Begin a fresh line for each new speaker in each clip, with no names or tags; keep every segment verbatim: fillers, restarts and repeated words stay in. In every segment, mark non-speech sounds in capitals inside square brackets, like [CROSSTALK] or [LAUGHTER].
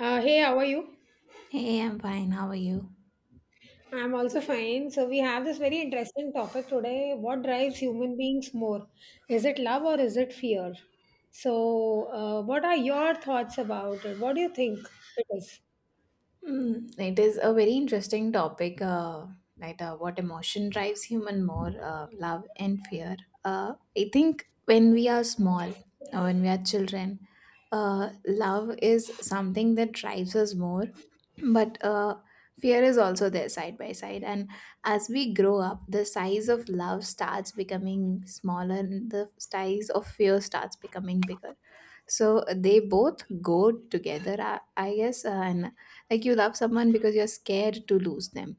Uh, hey, how are you?
Hey, I'm fine. How are you?
I'm also fine. So, we have this very interesting topic today. What drives human beings more? Is it love or is it fear? So, uh, what are your thoughts about it? What do you think it is?
Mm, it is a very interesting topic, uh, like uh, what emotion drives human more, uh, love and fear. Uh, I think when we are small, or when we are children, uh, love is something that drives us more, but uh, fear is also there side by side. And as we grow up, the size of love starts becoming smaller, and the size of fear starts becoming bigger, so they both go together, i, I guess, uh, and like you love someone because you're scared to lose them,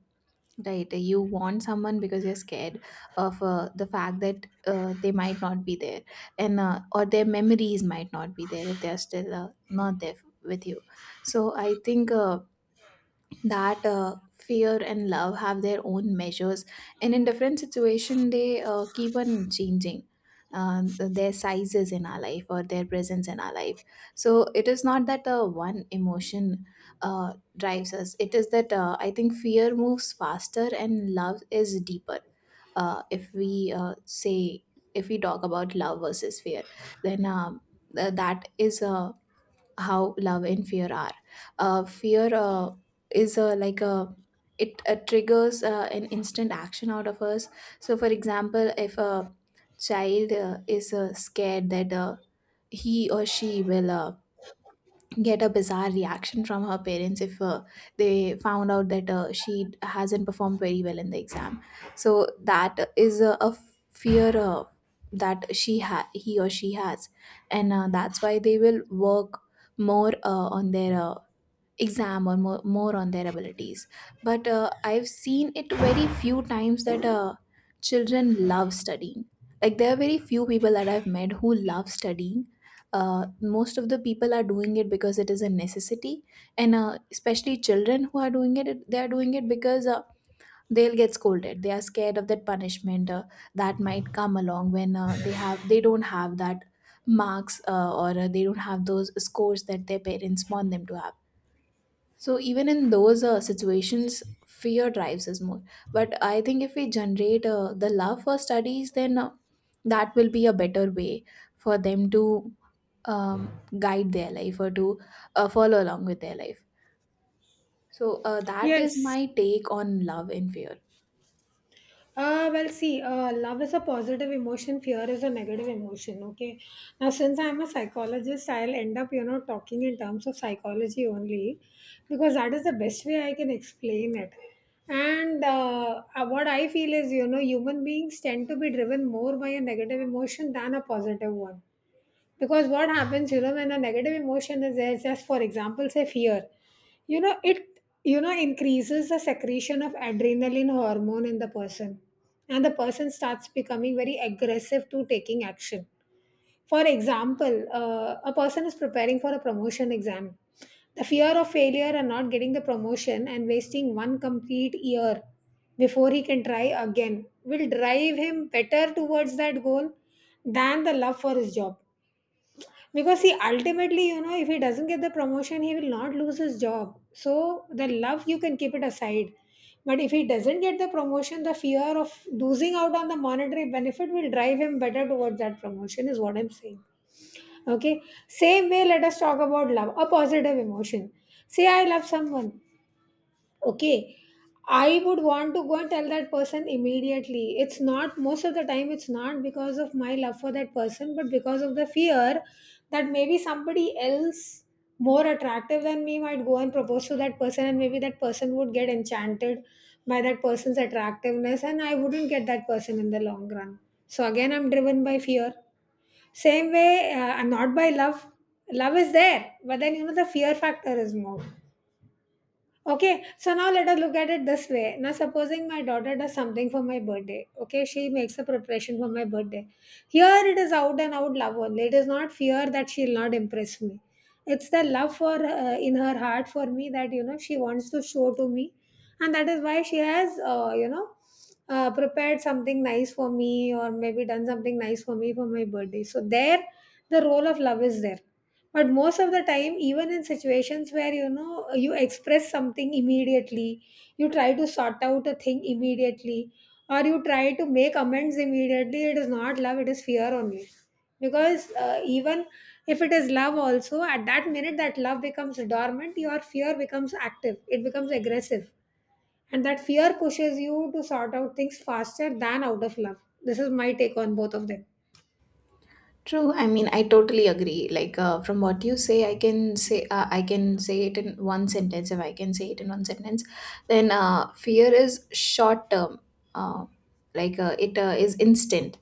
right? You want someone because you're scared of uh, the fact that uh, they might not be there, and uh, or their memories might not be there if they're still uh, not there f- with you. So i think uh, that uh, fear and love have their own measures, and in different situation they uh, keep on changing um, th- their sizes in our life or their presence in our life. So it is not that uh, one emotion uh, drives us. It is that uh, i think fear moves faster and love is deeper. Uh, if we uh, say, if we talk about love versus fear, then um, th- that is a how love and fear are. Uh, fear uh, is uh, like a, it uh, triggers uh, an instant action out of us. So, for example, if a child uh, is uh, scared that uh, he or she will uh, get a bizarre reaction from her parents if uh, they found out that uh, she hasn't performed very well in the exam, so that is a, a fear uh, that she ha- he or she has, and uh, that's why they will work more uh, on their uh, exam or more, more on their abilities. But uh, i've seen it very few times that uh, children love studying, like there are very few people that i've met who love studying. Uh, most of the people are doing it because it is a necessity, and uh, especially children who are doing it it- they are doing it because uh, they'll get scolded, they are scared of that punishment uh, that might come along when uh, they have they don't have that marks, uh, or uh, they don't have those scores that their parents want them to have. So even in those uh, situations, fear drives us more. But I think if we generate uh, the love for studies, then uh, that will be a better way for them to um, guide their life or to uh, follow along with their life. So uh, that is
Yes.
my take on love and fear.
Uh, well, see, uh, love is a positive emotion, fear is a negative emotion. Okay. Now, since I'm a psychologist, I'll end up, you know, talking in terms of psychology only because that is the best way I can explain it. And uh, uh, what I feel is, you know, human beings tend to be driven more by a negative emotion than a positive one, because what happens, you know, when a negative emotion is there, just for example say fear, you know it, you know, increases the secretion of adrenaline hormone in the person, and the person starts becoming very aggressive to taking action. For example, uh, a person is preparing for a promotion exam. The fear of failure and not getting the promotion and wasting one complete year before he can try again will drive him better towards that goal than the love for his job, because see, ultimately, you know, if he doesn't get the promotion, he will not lose his job. So the love you can keep it aside. But if he doesn't get the promotion, the fear of losing out on the monetary benefit will drive him better towards that promotion, is what I'm saying. Okay. Same way, let us talk about love, a positive emotion. Say I love someone, okay. I would want to go and tell that person immediately. It's not most of the time, it's not because of my love for that person, but because of the fear that maybe somebody else more attractive than me might go and propose to that person, and maybe that person would get enchanted by that person's attractiveness and I wouldn't get that person in the long run. So again, I'm driven by fear, same way, uh, not by love. Love is there, but then, you know, the fear factor is more. Okay, so now let us look at it this way. Now, supposing my daughter does something for my birthday, okay, she makes a preparation for my birthday. Here it is out and out love only. It is not fear that she will not impress me. It's the love for, uh, in her heart for me, that you know she wants to show to me, and that is why she has uh, you know uh, prepared something nice for me, or maybe done something nice for me for my birthday. So there, the role of love is there, but most of the time, even in situations where you know you express something immediately, you try to sort out a thing immediately, or you try to make amends immediately, it is not love, it is fear only. Because uh, even if it is love also, at that minute that love becomes dormant, your fear becomes active, it becomes aggressive, and that fear pushes you to sort out things faster than out of love. This is my take on both of them.
True. I mean, I totally agree. Like, uh, from what you say, I can say uh, I can say it in one sentence. If I can say it in one sentence, then uh, fear is short term. Uh, like uh, it uh, is instant,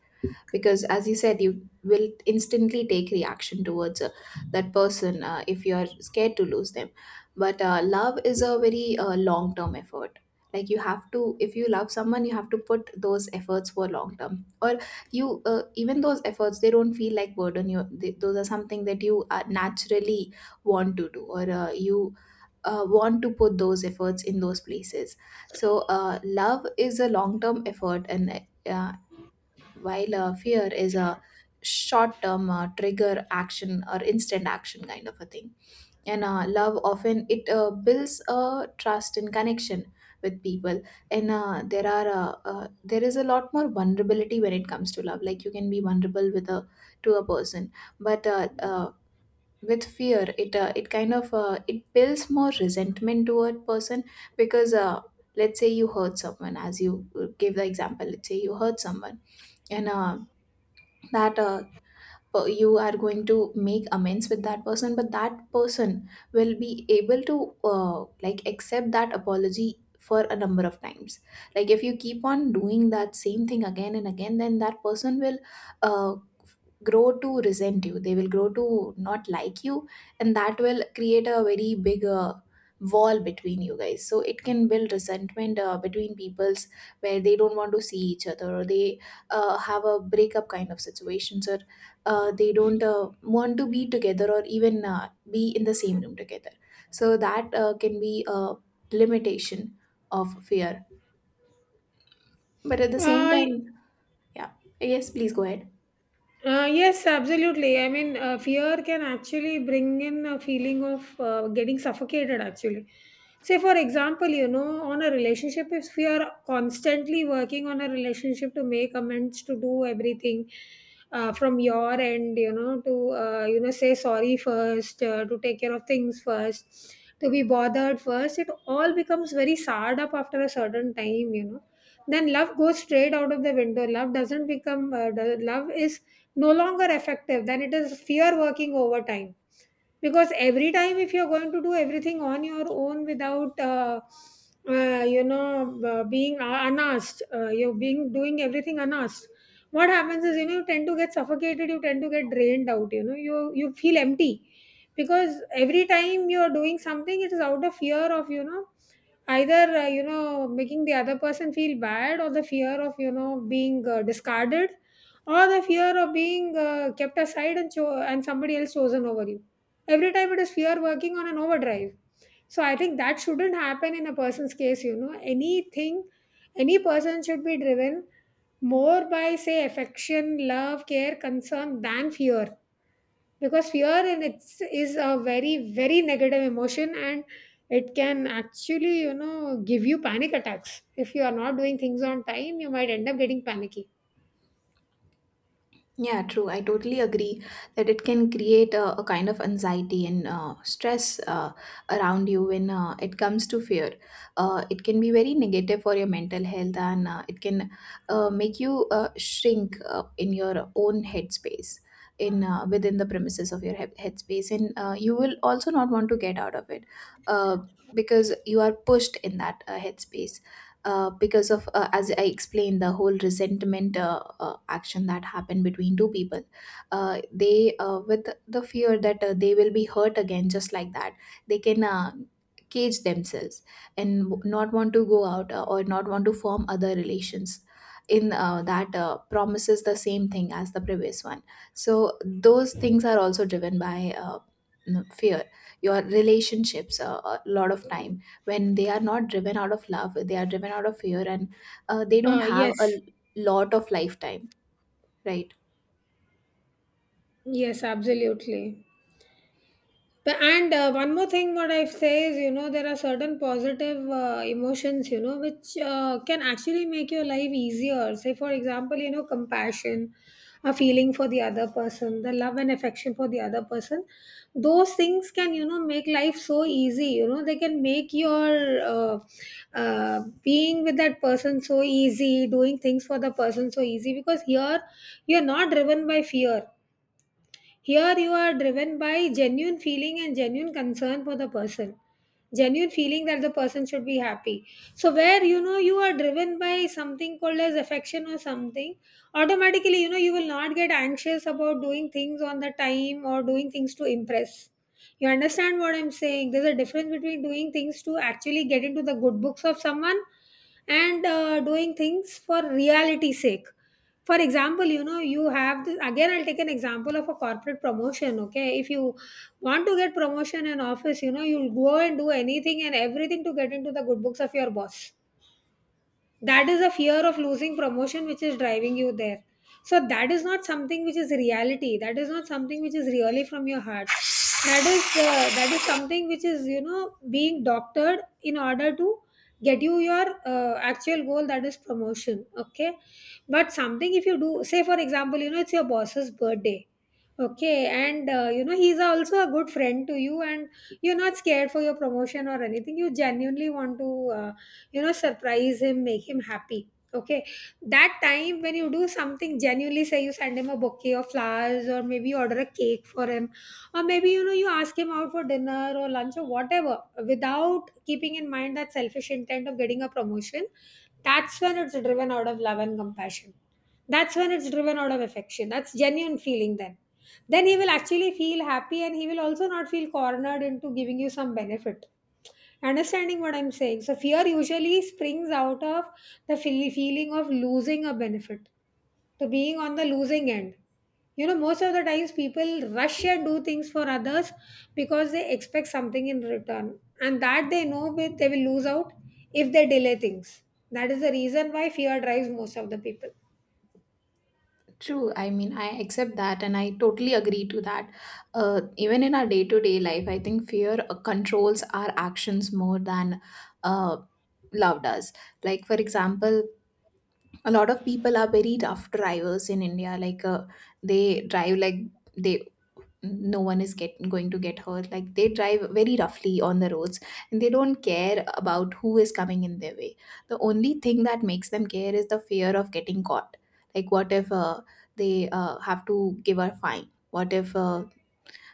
because as you said, you will instantly take reaction towards uh, that person uh, if you're scared to lose them. But uh, love is a very uh, long term effort. Like you have to, if you love someone you have to put those efforts for long term, or you, uh, even those efforts they don't feel like burden you, they, those are something that you uh, naturally want to do, or uh, you uh, want to put those efforts in those places. So uh, love is a long term effort, and uh, while uh, fear is a short term uh, trigger action, or instant action kind of a thing. And uh, love often, it uh, builds a trust and connection with people. And uh, there are uh, uh, there is a lot more vulnerability when it comes to love, like you can be vulnerable with a to a person. But uh, uh, with fear, it uh, it kind of, uh, it builds more resentment toward person. Because uh, let's say you hurt someone, as you uh, gave the example, let's say you hurt someone, and uh, that uh, per- you are going to make amends with that person, but that person will be able to uh, like accept that apology for a number of times. Like if you keep on doing that same thing again and again, then that person will uh, grow to resent you, they will grow to not like you, and that will create a very big uh, wall between you guys. So it can build resentment uh, between peoples, where they don't want to see each other, or they uh, have a breakup kind of situations, or uh, they don't uh, want to be together, or even uh, be in the same room together. So that uh, can be a limitation of fear. But at the same
uh,
time, yeah, yes, please go ahead.
Uh, yes, absolutely. I mean, uh, fear can actually bring in a feeling of uh, getting suffocated, actually. Say, for example, you know, on a relationship, if we are constantly working on a relationship to make amends, to do everything uh, from your end, you know, to, uh, you know, say sorry first, uh, to take care of things first, to be bothered first, it all becomes very soured up after a certain time, you know. Then love goes straight out of the window. Love doesn't become, uh, do- love is no longer effective, then it is fear working overtime. Because every time, if you're going to do everything on your own without uh, uh, you know, uh, being uh, unasked, uh, you're being doing everything unasked, what happens is, you know, you tend to get suffocated, you tend to get drained out, you know, you you feel empty, because every time you're doing something it is out of fear of, you know, either uh, you know, making the other person feel bad, or the fear of, you know, being uh, discarded, or the fear of being uh, kept aside and cho- and somebody else chosen over you. Every time it is fear working on an overdrive. So I think that shouldn't happen in a person's case, you know. Anything, any person should be driven more by, say, affection, love, care, concern than fear. Because fear in its is a very, very negative emotion, and it can actually, you know, give you panic attacks. If you are not doing things on time, you might end up getting panicky.
Yeah, true. I totally agree that it can create a, a kind of anxiety and uh, stress uh, around you when uh, it comes to fear. Uh, it can be very negative for your mental health, and uh, it can uh, make you uh, shrink uh, in your own headspace. In, uh, within the premises of your head headspace, and uh, you will also not want to get out of it uh, because you are pushed in that uh, headspace, uh, because of uh, as i explained the whole resentment uh, uh, action that happened between two people. Uh, they uh, With the fear that uh, they will be hurt again just like that, they can uh, cage themselves and w- not want to go out, uh, or not want to form other relations in uh, that uh, promises the same thing as the previous one. So those things are also driven by uh, n- fear. Your relationships, uh, a lot of time when they are not driven out of love, they are driven out of fear, and uh, they don't
Uh,
have a
yes,
l- lot of lifetime, right?
yes, absolutely. But- And uh, one more thing, what I say is, you know, there are certain positive uh, emotions, you know, which uh, can actually make your life easier. Say, for example, you know, compassion, a feeling for the other person, the love and affection for the other person. Those things can, you know, make life so easy. You know, they can make your uh, uh, being with that person so easy, doing things for the person so easy, because here you're not driven by fear, here you are driven by genuine feeling and genuine concern for the person. Genuine feeling that the person should be happy. So where you know you are driven by something called as affection or something, automatically you know you will not get anxious about doing things on the time or doing things to impress. You understand what I'm saying? There's a difference between doing things to actually get into the good books of someone and uh, doing things for reality's sake. For example, you know, you have this, again I'll take an example of a corporate promotion. Okay, if you want to get promotion in office, you know, you'll go and do anything and everything to get into the good books of your boss. That is a fear of losing promotion which is driving you there. So that is not something which is reality, that is not something which is really from your heart. That is uh, that is something which is, you know, being doctored in order to get you your uh, actual goal, that is promotion. Okay. But something if you do, say for example, you know, it's your boss's birthday. Okay, and uh, you know, he's also a good friend to you, and you're not scared for your promotion or anything. You genuinely want to, uh, you know, surprise him, make him happy. Okay, that time when you do something genuinely, say you send him a bouquet of flowers, or maybe you order a cake for him, or maybe, you know, you ask him out for dinner or lunch or whatever, without keeping in mind that selfish intent of getting a promotion. That's when it's driven out of love and compassion. That's when it's driven out of affection. That's genuine feeling then. Then he will actually feel happy, and he will also not feel cornered into giving you some benefit. Understanding what I'm saying? So, fear usually springs out of the feel- feeling of losing a benefit, to being on the losing end. You know, most of the times people rush and do things for others because they expect something in return, and that they know with- they will lose out if they delay things. That is the reason why fear drives most of the people.
True, I mean I accept that and I totally agree to that. Uh, even in our day-to-day life I think fear uh, controls our actions more than uh, love does. Like for example, a lot of people are very rough drivers in India, like uh, they drive like they no one is get, going to get hurt, like they drive very roughly on the roads, and they don't care about who is coming in their way. The only thing that makes them care is the fear of getting caught. Like what if uh, they uh, have to give a fine, what if uh,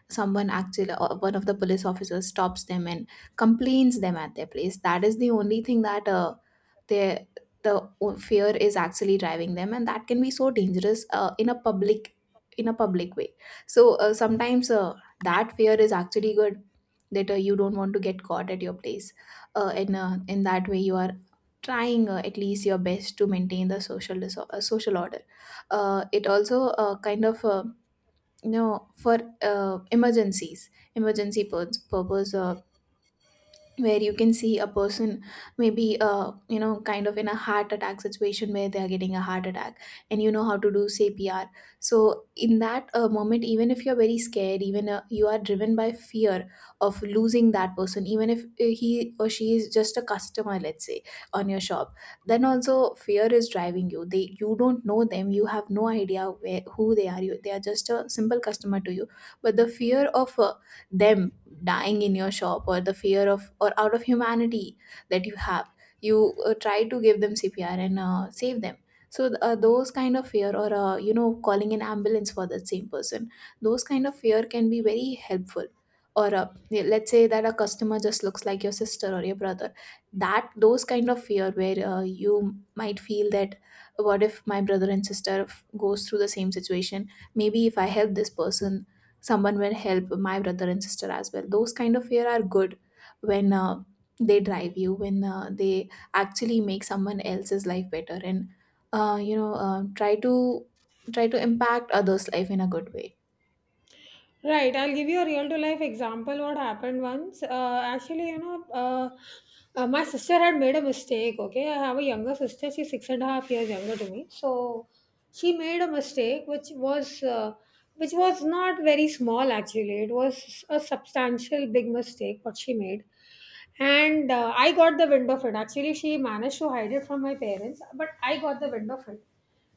someone actually, uh, one of the police officers stops them and complains them at their place. That is the only thing that uh, their the o- fear is actually driving them, and that can be so dangerous uh, in a public in a public way. So uh, sometimes uh, that fear is actually good, that uh, you don't want to get caught at your place, uh, and uh, in that way you are trying uh, at least your best to maintain the social diso- uh, social order. Uh, it also uh, kind of uh, you know, for uh, emergencies emergency pur- purpose, uh, where you can see a person, maybe uh, you know, kind of in a heart attack situation where they are getting a heart attack, and you know how to do CPR. So in that uh, moment, even if you're very scared, even uh, you are driven by fear of losing that person, even if uh, he or she is just a customer, let's say, on your shop. Then also fear is driving you. They, you don't know them, you have no idea where who they are, you they are just a simple customer to you, but the fear of uh, them dying in your shop, or the fear of, or out of humanity that you have, you uh, try to give them CPR and uh, save them. So th- uh, those kind of fear, or uh, you know, calling an ambulance for that same person, those kind of fear can be very helpful. Or uh, yeah, let's say that a customer just looks like your sister or your brother. That those kind of fear, where uh, you might feel that what if my brother and sister f- goes through the same situation, maybe if I help this person, someone will help my brother and sister as well. Those kind of fear are good, when uh, they drive you, when uh, they actually make someone else's life better, and uh, you know, uh, try to try to impact others life in a good way.
Right, I'll give you a real to life example what happened once. Uh, actually, you know, uh, uh, my sister had made a mistake. Okay, I have a younger sister, she's six and a half years younger to me. So she made a mistake which was uh, which was not very small, actually. It was a substantial big mistake what she made, and uh, I got the wind of it. Actually, she managed to hide it from my parents, but I got the wind of it,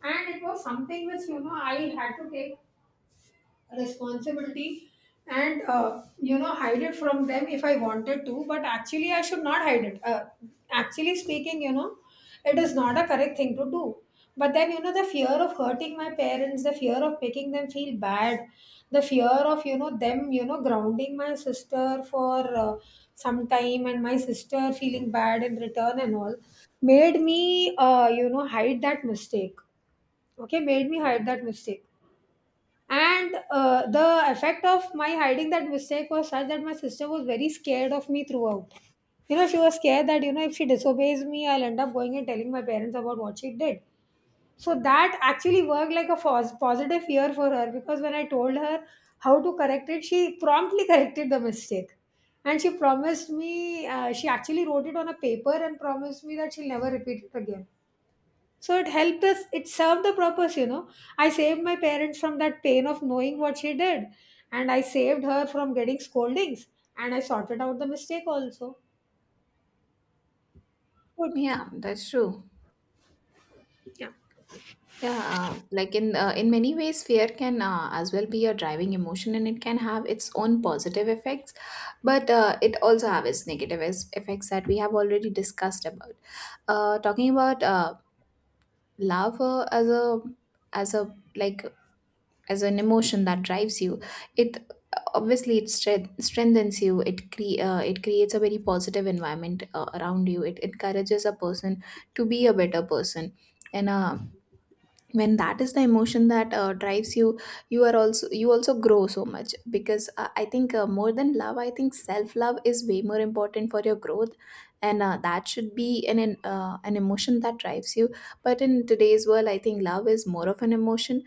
and it was something which you know I had to take responsibility and uh, you know hide it from them if I wanted to. But actually I should not hide it. Uh, actually speaking, you know it is not a correct thing to do. But then, you know the fear of hurting my parents, the fear of making them feel bad, the fear of you know them you know grounding my sister for uh, some time, and my sister feeling bad in return and all made me, uh, you know hide that mistake. Okay, made me hide that mistake. And uh, the effect of my hiding that mistake was such that my sister was very scared of me throughout. You know she was scared that you know if she disobeys me, I'll end up going and telling my parents about what she did. So that actually worked like a pos- positive fear for her, because when I told her how to correct it, she promptly [LAUGHS] corrected the mistake. And she promised me, uh, she actually wrote it on a paper and promised me that she'll never repeat it again. So it helped us, it served the purpose, you know. I saved my parents from that pain of knowing what she did, and I saved her from getting scoldings, and I sorted out the mistake also. Good.
Yeah, that's true.
Yeah,
Yeah, uh, like in uh, in many ways fear can uh, as well be a driving emotion, and it can have its own positive effects, but uh, it also have its negative es- effects that we have already discussed about. Uh, talking about uh, love uh, as a, as a, like as an emotion that drives you. It obviously it stre- strengthens you. It cre- uh, it creates a very positive environment uh, around you. It encourages a person to be a better person. And uh, When that is the emotion that uh, drives you, you are also you also grow so much because uh, I think, uh, more than love, I think self love is way more important for your growth. And uh, that should be an an, uh, an emotion that drives you. But in today's world, I think love is more of an emotion.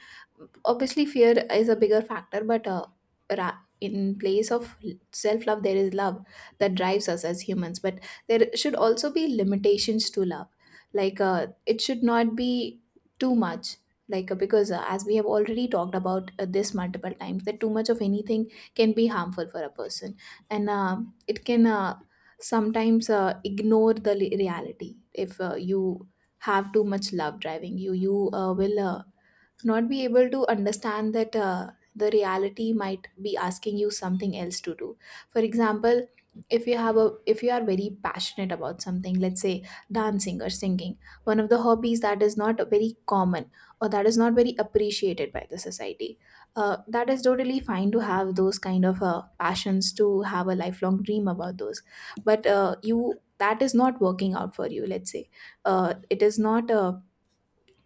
Obviously fear is a bigger factor, but uh, ra- in place of self love there is love that drives us as humans. But there should also be limitations to love, like uh, it should not be too much, like uh, because uh, as we have already talked about uh, this multiple times, that too much of anything can be harmful for a person. And uh, it can, uh, sometimes, uh, ignore the li- reality. If uh, you have too much love driving you, you uh, will, uh, not be able to understand that uh, the reality might be asking you something else to do. For example, if you have a if you are very passionate about something, let's say dancing or singing, one of the hobbies that is not very common or that is not very appreciated by the society, uh, that is totally fine. To have those kind of uh, passions, to have a lifelong dream about those, but uh, you that is not working out for you, let's say. Uh, it is not, uh,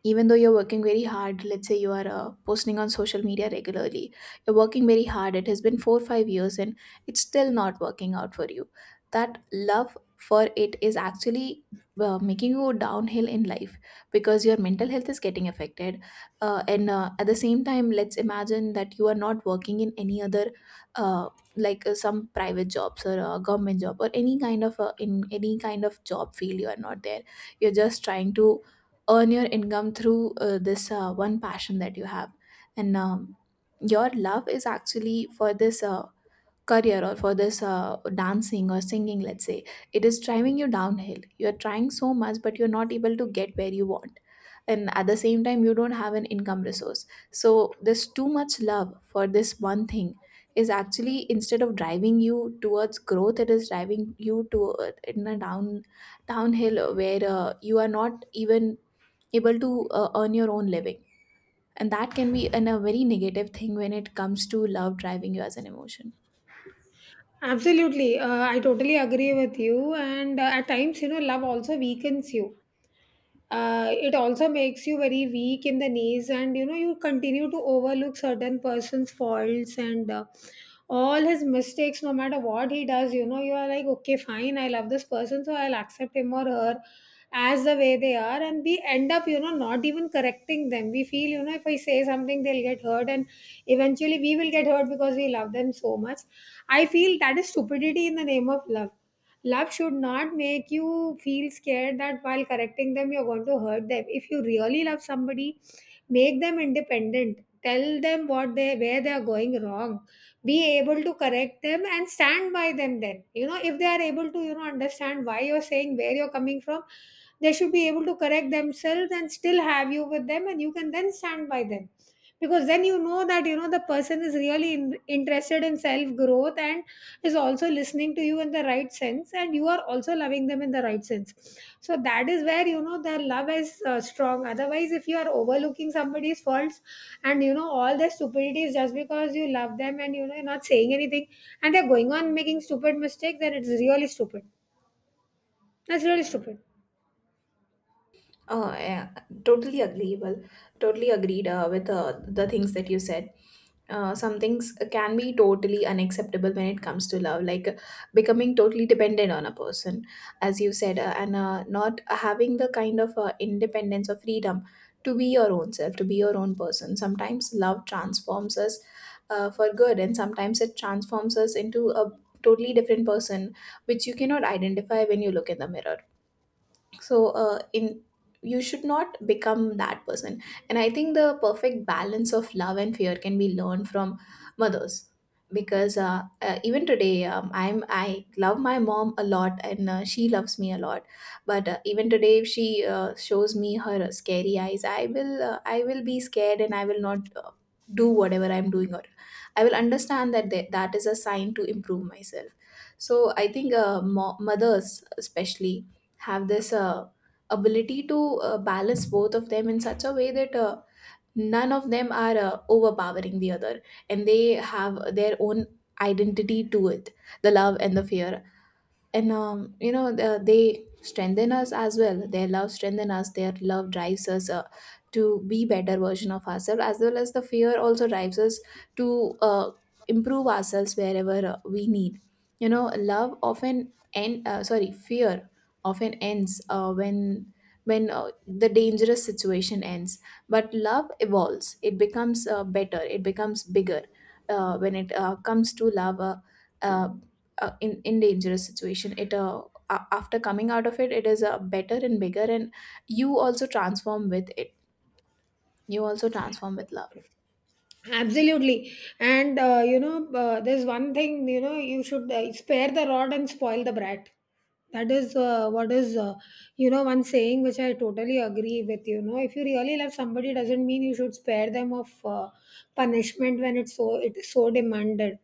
even though you're working very hard, let's say you are uh, posting on social media regularly, you're working very hard, it has been four or five years and it's still not working out for you, that love for it is actually uh, making you go downhill in life because your mental health is getting affected. Uh, and uh, at the same time, let's imagine that you are not working in any other, uh, like uh, some private jobs or a government job or any kind of uh, in any kind of job field you are not there. You're just trying to earn your income through uh, this uh, one passion that you have. And um, your love is actually for this uh, career or for this uh, dancing or singing, let's say. It is driving you downhill. You're trying so much but you're not able to get where you want, and at the same time you don't have an income resource. So this too much love for this one thing is actually, instead of driving you towards growth, it is driving you to, uh, in a down downhill, where uh, you are not even able to uh, earn your own living, and that can be an, a very negative thing when it comes to love driving you as an emotion.
absolutely. Uh, I totally agree with you. And uh, at times, you know, love also weakens you. Uh, it also makes you very weak in the knees, and you know you continue to overlook certain person's faults and uh, all his mistakes. No matter what he does, you know you are like, okay, fine, I love this person, so I'll accept him or her as the way they are. And we end up, you know not even correcting them. We feel, you know if I say something, they'll get hurt, and eventually we will get hurt because we love them so much. I feel that is stupidity in the name of love. Love should not make you feel scared that while correcting them, you're going to hurt them. If you really love somebody, make them independent. Tell them what they where they are going wrong. Be able to correct them and stand by them then. You know, if they are able to, you know, understand why you're saying where you're coming from, they should be able to correct themselves and still have you with them, and you can then stand by them, because then you know that, you know the person is really in, interested in self growth and is also listening to you in the right sense, and you are also loving them in the right sense. So that is where, you know their love is uh, strong. Otherwise, if you are overlooking somebody's faults and, you know all their stupidities, just because you love them, and you know you're not saying anything, and they're going on making stupid mistakes, then it's really stupid. That's really stupid.
Uh, yeah, totally agreeable. Totally agreed uh, with uh, the things that you said. Uh, some things can be totally unacceptable when it comes to love, like uh, becoming totally dependent on a person, as you said, uh, and uh, not having the kind of uh, independence or freedom to be your own self, to be your own person. Sometimes love transforms us uh, for good, and sometimes it transforms us into a totally different person, which you cannot identify when you look in the mirror. So, uh, in you should not become that person. And I think the perfect balance of love and fear can be learned from mothers, because uh, uh, even today, um, i'm i love my mom a lot, and uh, she loves me a lot. But uh, even today, if she uh, shows me her scary eyes, I will, uh, i will be scared, and I will not uh, do whatever I'm doing, or I will understand that th- that is a sign to improve myself. So I think uh, mo- mothers especially have this uh, ability to uh, balance both of them in such a way that uh, none of them are uh, overpowering the other, and they have their own identity to it: the love and the fear. And um, you know the, they strengthen us as well. Their love strengthen us, their love drives us uh, to be better version of ourselves, as well as the fear also drives us to uh, improve ourselves wherever uh, we need. You know love often end uh, sorry, fear often ends uh, when when uh, the dangerous situation ends. But love evolves, it becomes uh, better, it becomes bigger. Uh, when it uh, comes to love, uh, uh, uh, in in dangerous situation, it, uh, a- after coming out of it it is uh, better and bigger, and you also transform with it, you also transform with
Absolutely. And, uh, you know, uh, there's one thing, you know, you should, uh, spare the rod and spoil the brat. That is uh, what is, uh, you know, one saying which I totally agree with. You know, if you really love somebody, doesn't mean you should spare them of uh, punishment when it's so it is so demanded.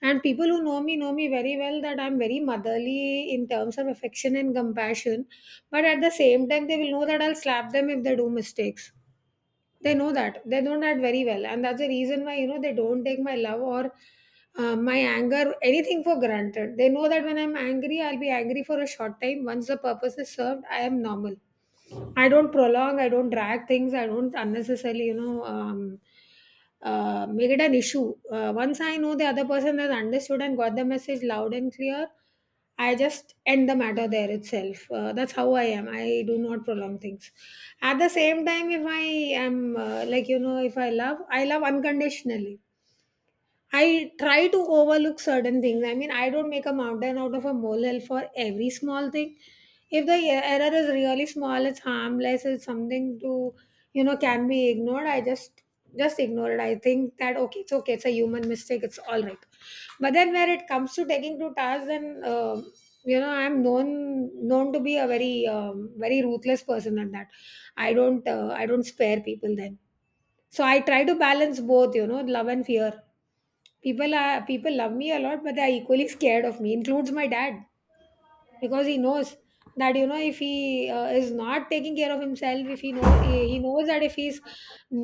And people who know me know me very well that I'm very motherly in terms of affection and compassion, but at the same time, they will know that I'll slap them if they do mistakes. They know that, they know that very well, and that's the reason why, you know they don't take my love or uh, my anger, anything for granted. They know that when I'm angry, I'll be angry for a short time. Once the purpose is served, I am normal. I don't prolong, I don't drag things, I don't unnecessarily, you know um, uh, make it an issue. Uh, once I know the other person has understood and got the message loud and clear, I just end the matter there itself. Uh, that's how I am. I do not prolong things. At the same time, if I am uh, like, you know, if I love, I love unconditionally. I try to overlook certain things. I mean, I don't make a mountain out of a molehill for every small thing. If the e- error is really small, it's harmless, it's something to, you know, can be ignored. I just just ignore it. I think that okay, it's okay, it's a human mistake, it's all right. But then where it comes to taking to task, then, uh, you know, I'm known known to be a very um, very ruthless person at that. I don't uh, I don't spare people then. So I try to balance both, you know, love and fear. People are people love me a lot, but they are equally [LAUGHS] scared of me, includes my dad, because he knows that, you know if he uh, is not taking care of himself, if he know he he knows that if he's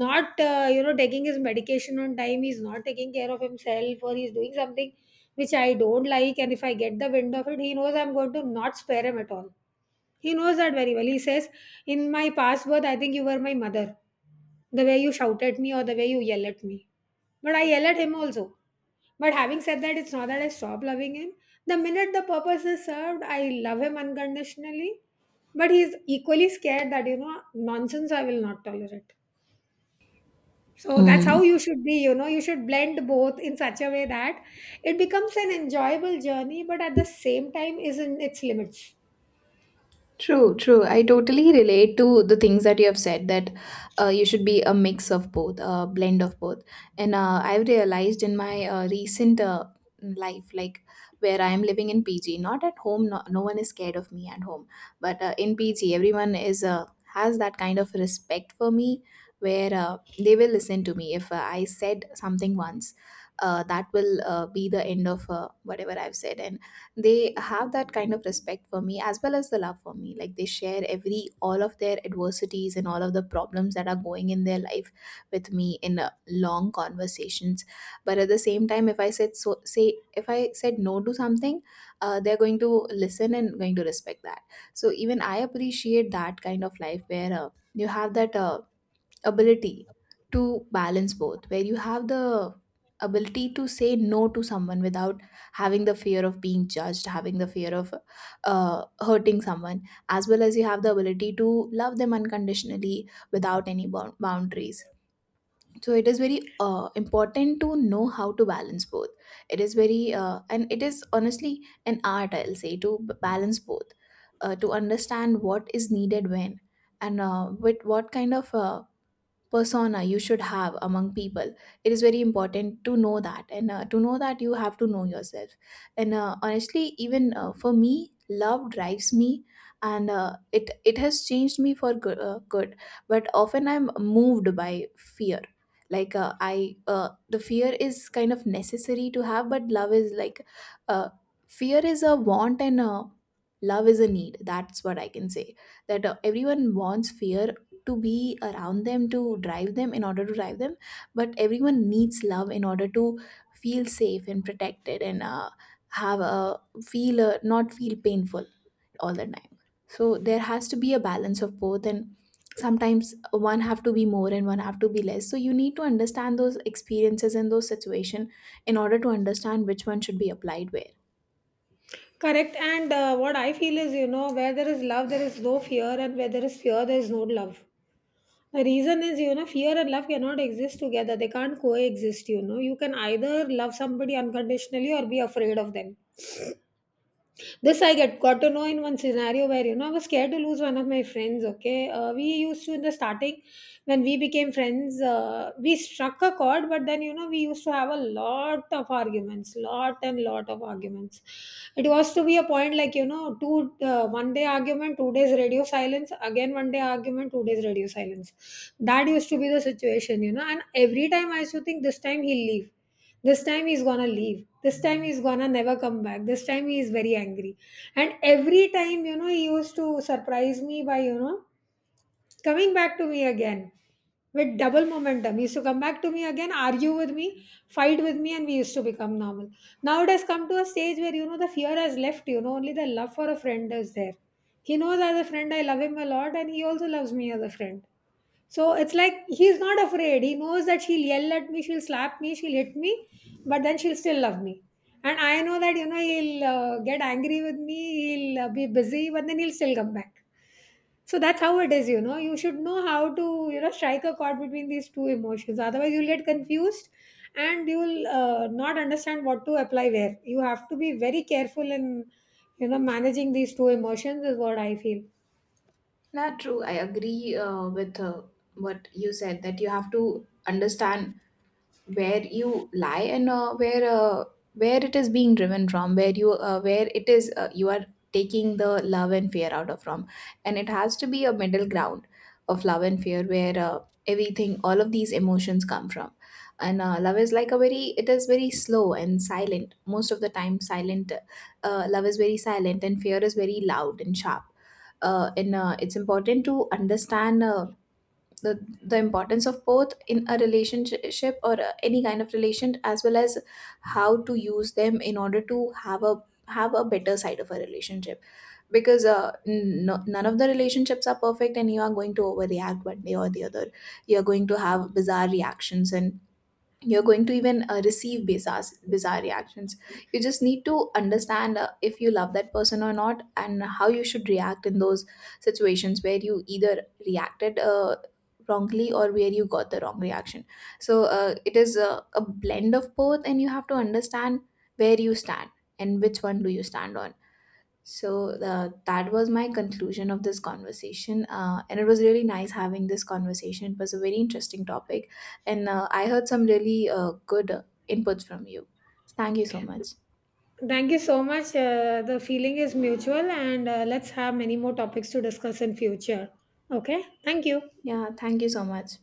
not uh, you know taking his medication on time, he's not taking care of himself, or he's doing something which I don't like, and if I get the wind of it, he knows I'm going to not spare him at all. He knows that very well. He says, "In my past birth, I think you were my mother. The way you shout at me or the way you yell at me." But I yell at him also. But having said that, it's not that I stop loving him. The minute the purpose is served, I love him unconditionally. But he's equally scared that, you know, nonsense I will not tolerate. So that's how
love.
you should be, you know, you should blend both in such a way that it becomes an enjoyable journey, but at the same time is in its limits.
True, true. I totally relate to the things that you have said, that uh, you should be a mix of both, a blend of both. And uh, I've realized in my uh, recent uh, life, like, where I am living in P G, not at home, no, no one is scared of me at home, but uh, in P G everyone is uh, has that kind of respect for me, where uh, they will listen to me. If uh, I said something once, uh, that will uh, be the end of uh, whatever I've said. And they have that kind of respect for me, as well as the love for me, like they share every all of their adversities and all of the problems that are going in their life with me in uh, long conversations. But at the same time, if I said so say if I said no to something, uh, they're going to listen and going to respect that. So even I appreciate that kind of life where uh, you have that uh, ability to balance both, where you have the ability to say no to someone without having the fear of being judged, having the fear of uh, hurting someone, as well as you have the ability to love them unconditionally without any bou- boundaries. So it is very uh, important to know how to balance both. It is very, uh, and it is honestly an art, I'll say, to b- balance both, uh, to understand what is needed when, and uh, with what kind of uh, persona you should have among people. It is very important to know that, and uh, to know that you have to know yourself. And uh, honestly, even uh, for me love drives me, and uh, it it has changed me for good, uh, good But often I'm moved by fear. Like uh, i uh, the fear is kind of necessary to have, but love is like uh, fear is a want, and uh, love is a need. That's what I can say, that uh, everyone wants fear to be around them, to drive them, in order to drive them. But everyone needs love in order to feel safe and protected, and uh, have a feel, uh, not feel painful all the time. So there has to be a balance of both, and sometimes one have to be more and one have to be less, so you need to understand those experiences and those situation in order to understand which one should be applied where.
Correct. And uh, what I feel is, you know, where there is love, there is no fear, and where there is fear, there is no love. The reason is, you know, fear and love cannot exist together. They can't coexist, you know. You can either love somebody unconditionally or be afraid of them. This I get got to know in one scenario where, you know I was scared to lose one of my friends. Okay, uh, we used to, in the starting when we became friends, uh, we struck a chord, but then, you know we used to have a lot of arguments, lot and lot of arguments. It was to be a point like, you know, two uh, one day argument, two days radio silence, again one day argument, two days radio silence. That used to be the situation, you know. And every time I used to think, this time he'll leave, this time he's gonna leave, this time he's gonna never come back, this time he is very angry. And every time, you know he used to surprise me by, you know coming back to me again with double momentum. He used to come back to me again, argue with me, fight with me, and we used to become normal. Now it has come to a stage where, you know the fear has left, you know, only the love for a friend is there. He knows as a friend I love him a lot, and he also loves me as a friend. So it's like he's not afraid. He knows that she'll yell at me, she'll slap me, she'll hit me, but then she'll still love me. And I know that, you know, he'll uh, get angry with me, he'll uh, be busy, but then he'll still come back. So that's how it is, you know. You should know how to, you know, strike a chord between these two emotions. Otherwise, you'll get confused and you'll uh, not understand what to apply where. You have to be very careful in, you know, managing these two emotions, is what I feel.
Not true, I agree uh, with uh, what you said, that you have to understand where you lie, and uh, where uh, where it is being driven from, where you uh, where it is uh, you are taking the love and fear out of from. And it has to be a middle ground of love and fear where uh, everything all of these emotions come from. And uh, love is like a very it is very slow and silent, most of the time silent. Uh, love is very silent, and fear is very loud and sharp. Uh, and uh, it's important to understand uh, the the importance of both in a relationship or uh, any kind of relation, as well as how to use them in order to have a have a better side of a relationship. Because uh, n- no- none of the relationships are perfect, and you are going to overreact one day or the other. You are going to have bizarre reactions, and you're going to even uh, receive bizarre bizarre reactions. You just need to understand uh, if you love that person or not, and how you should react in those situations where you either reacted uh, wrongly, or where you got the wrong reaction. So uh, it is a, a blend of both, and you have to understand where you stand, and which one do you stand on. So uh, that was my conclusion of this conversation, uh, and it was really nice having this conversation. It was a very interesting topic, and uh, I heard some really uh, good uh, inputs from you. Thank you so much.
Thank you so much. Uh, the feeling is mutual, and uh, let's have many more topics to discuss in future. Okay, thank you.
Yeah, thank you so much.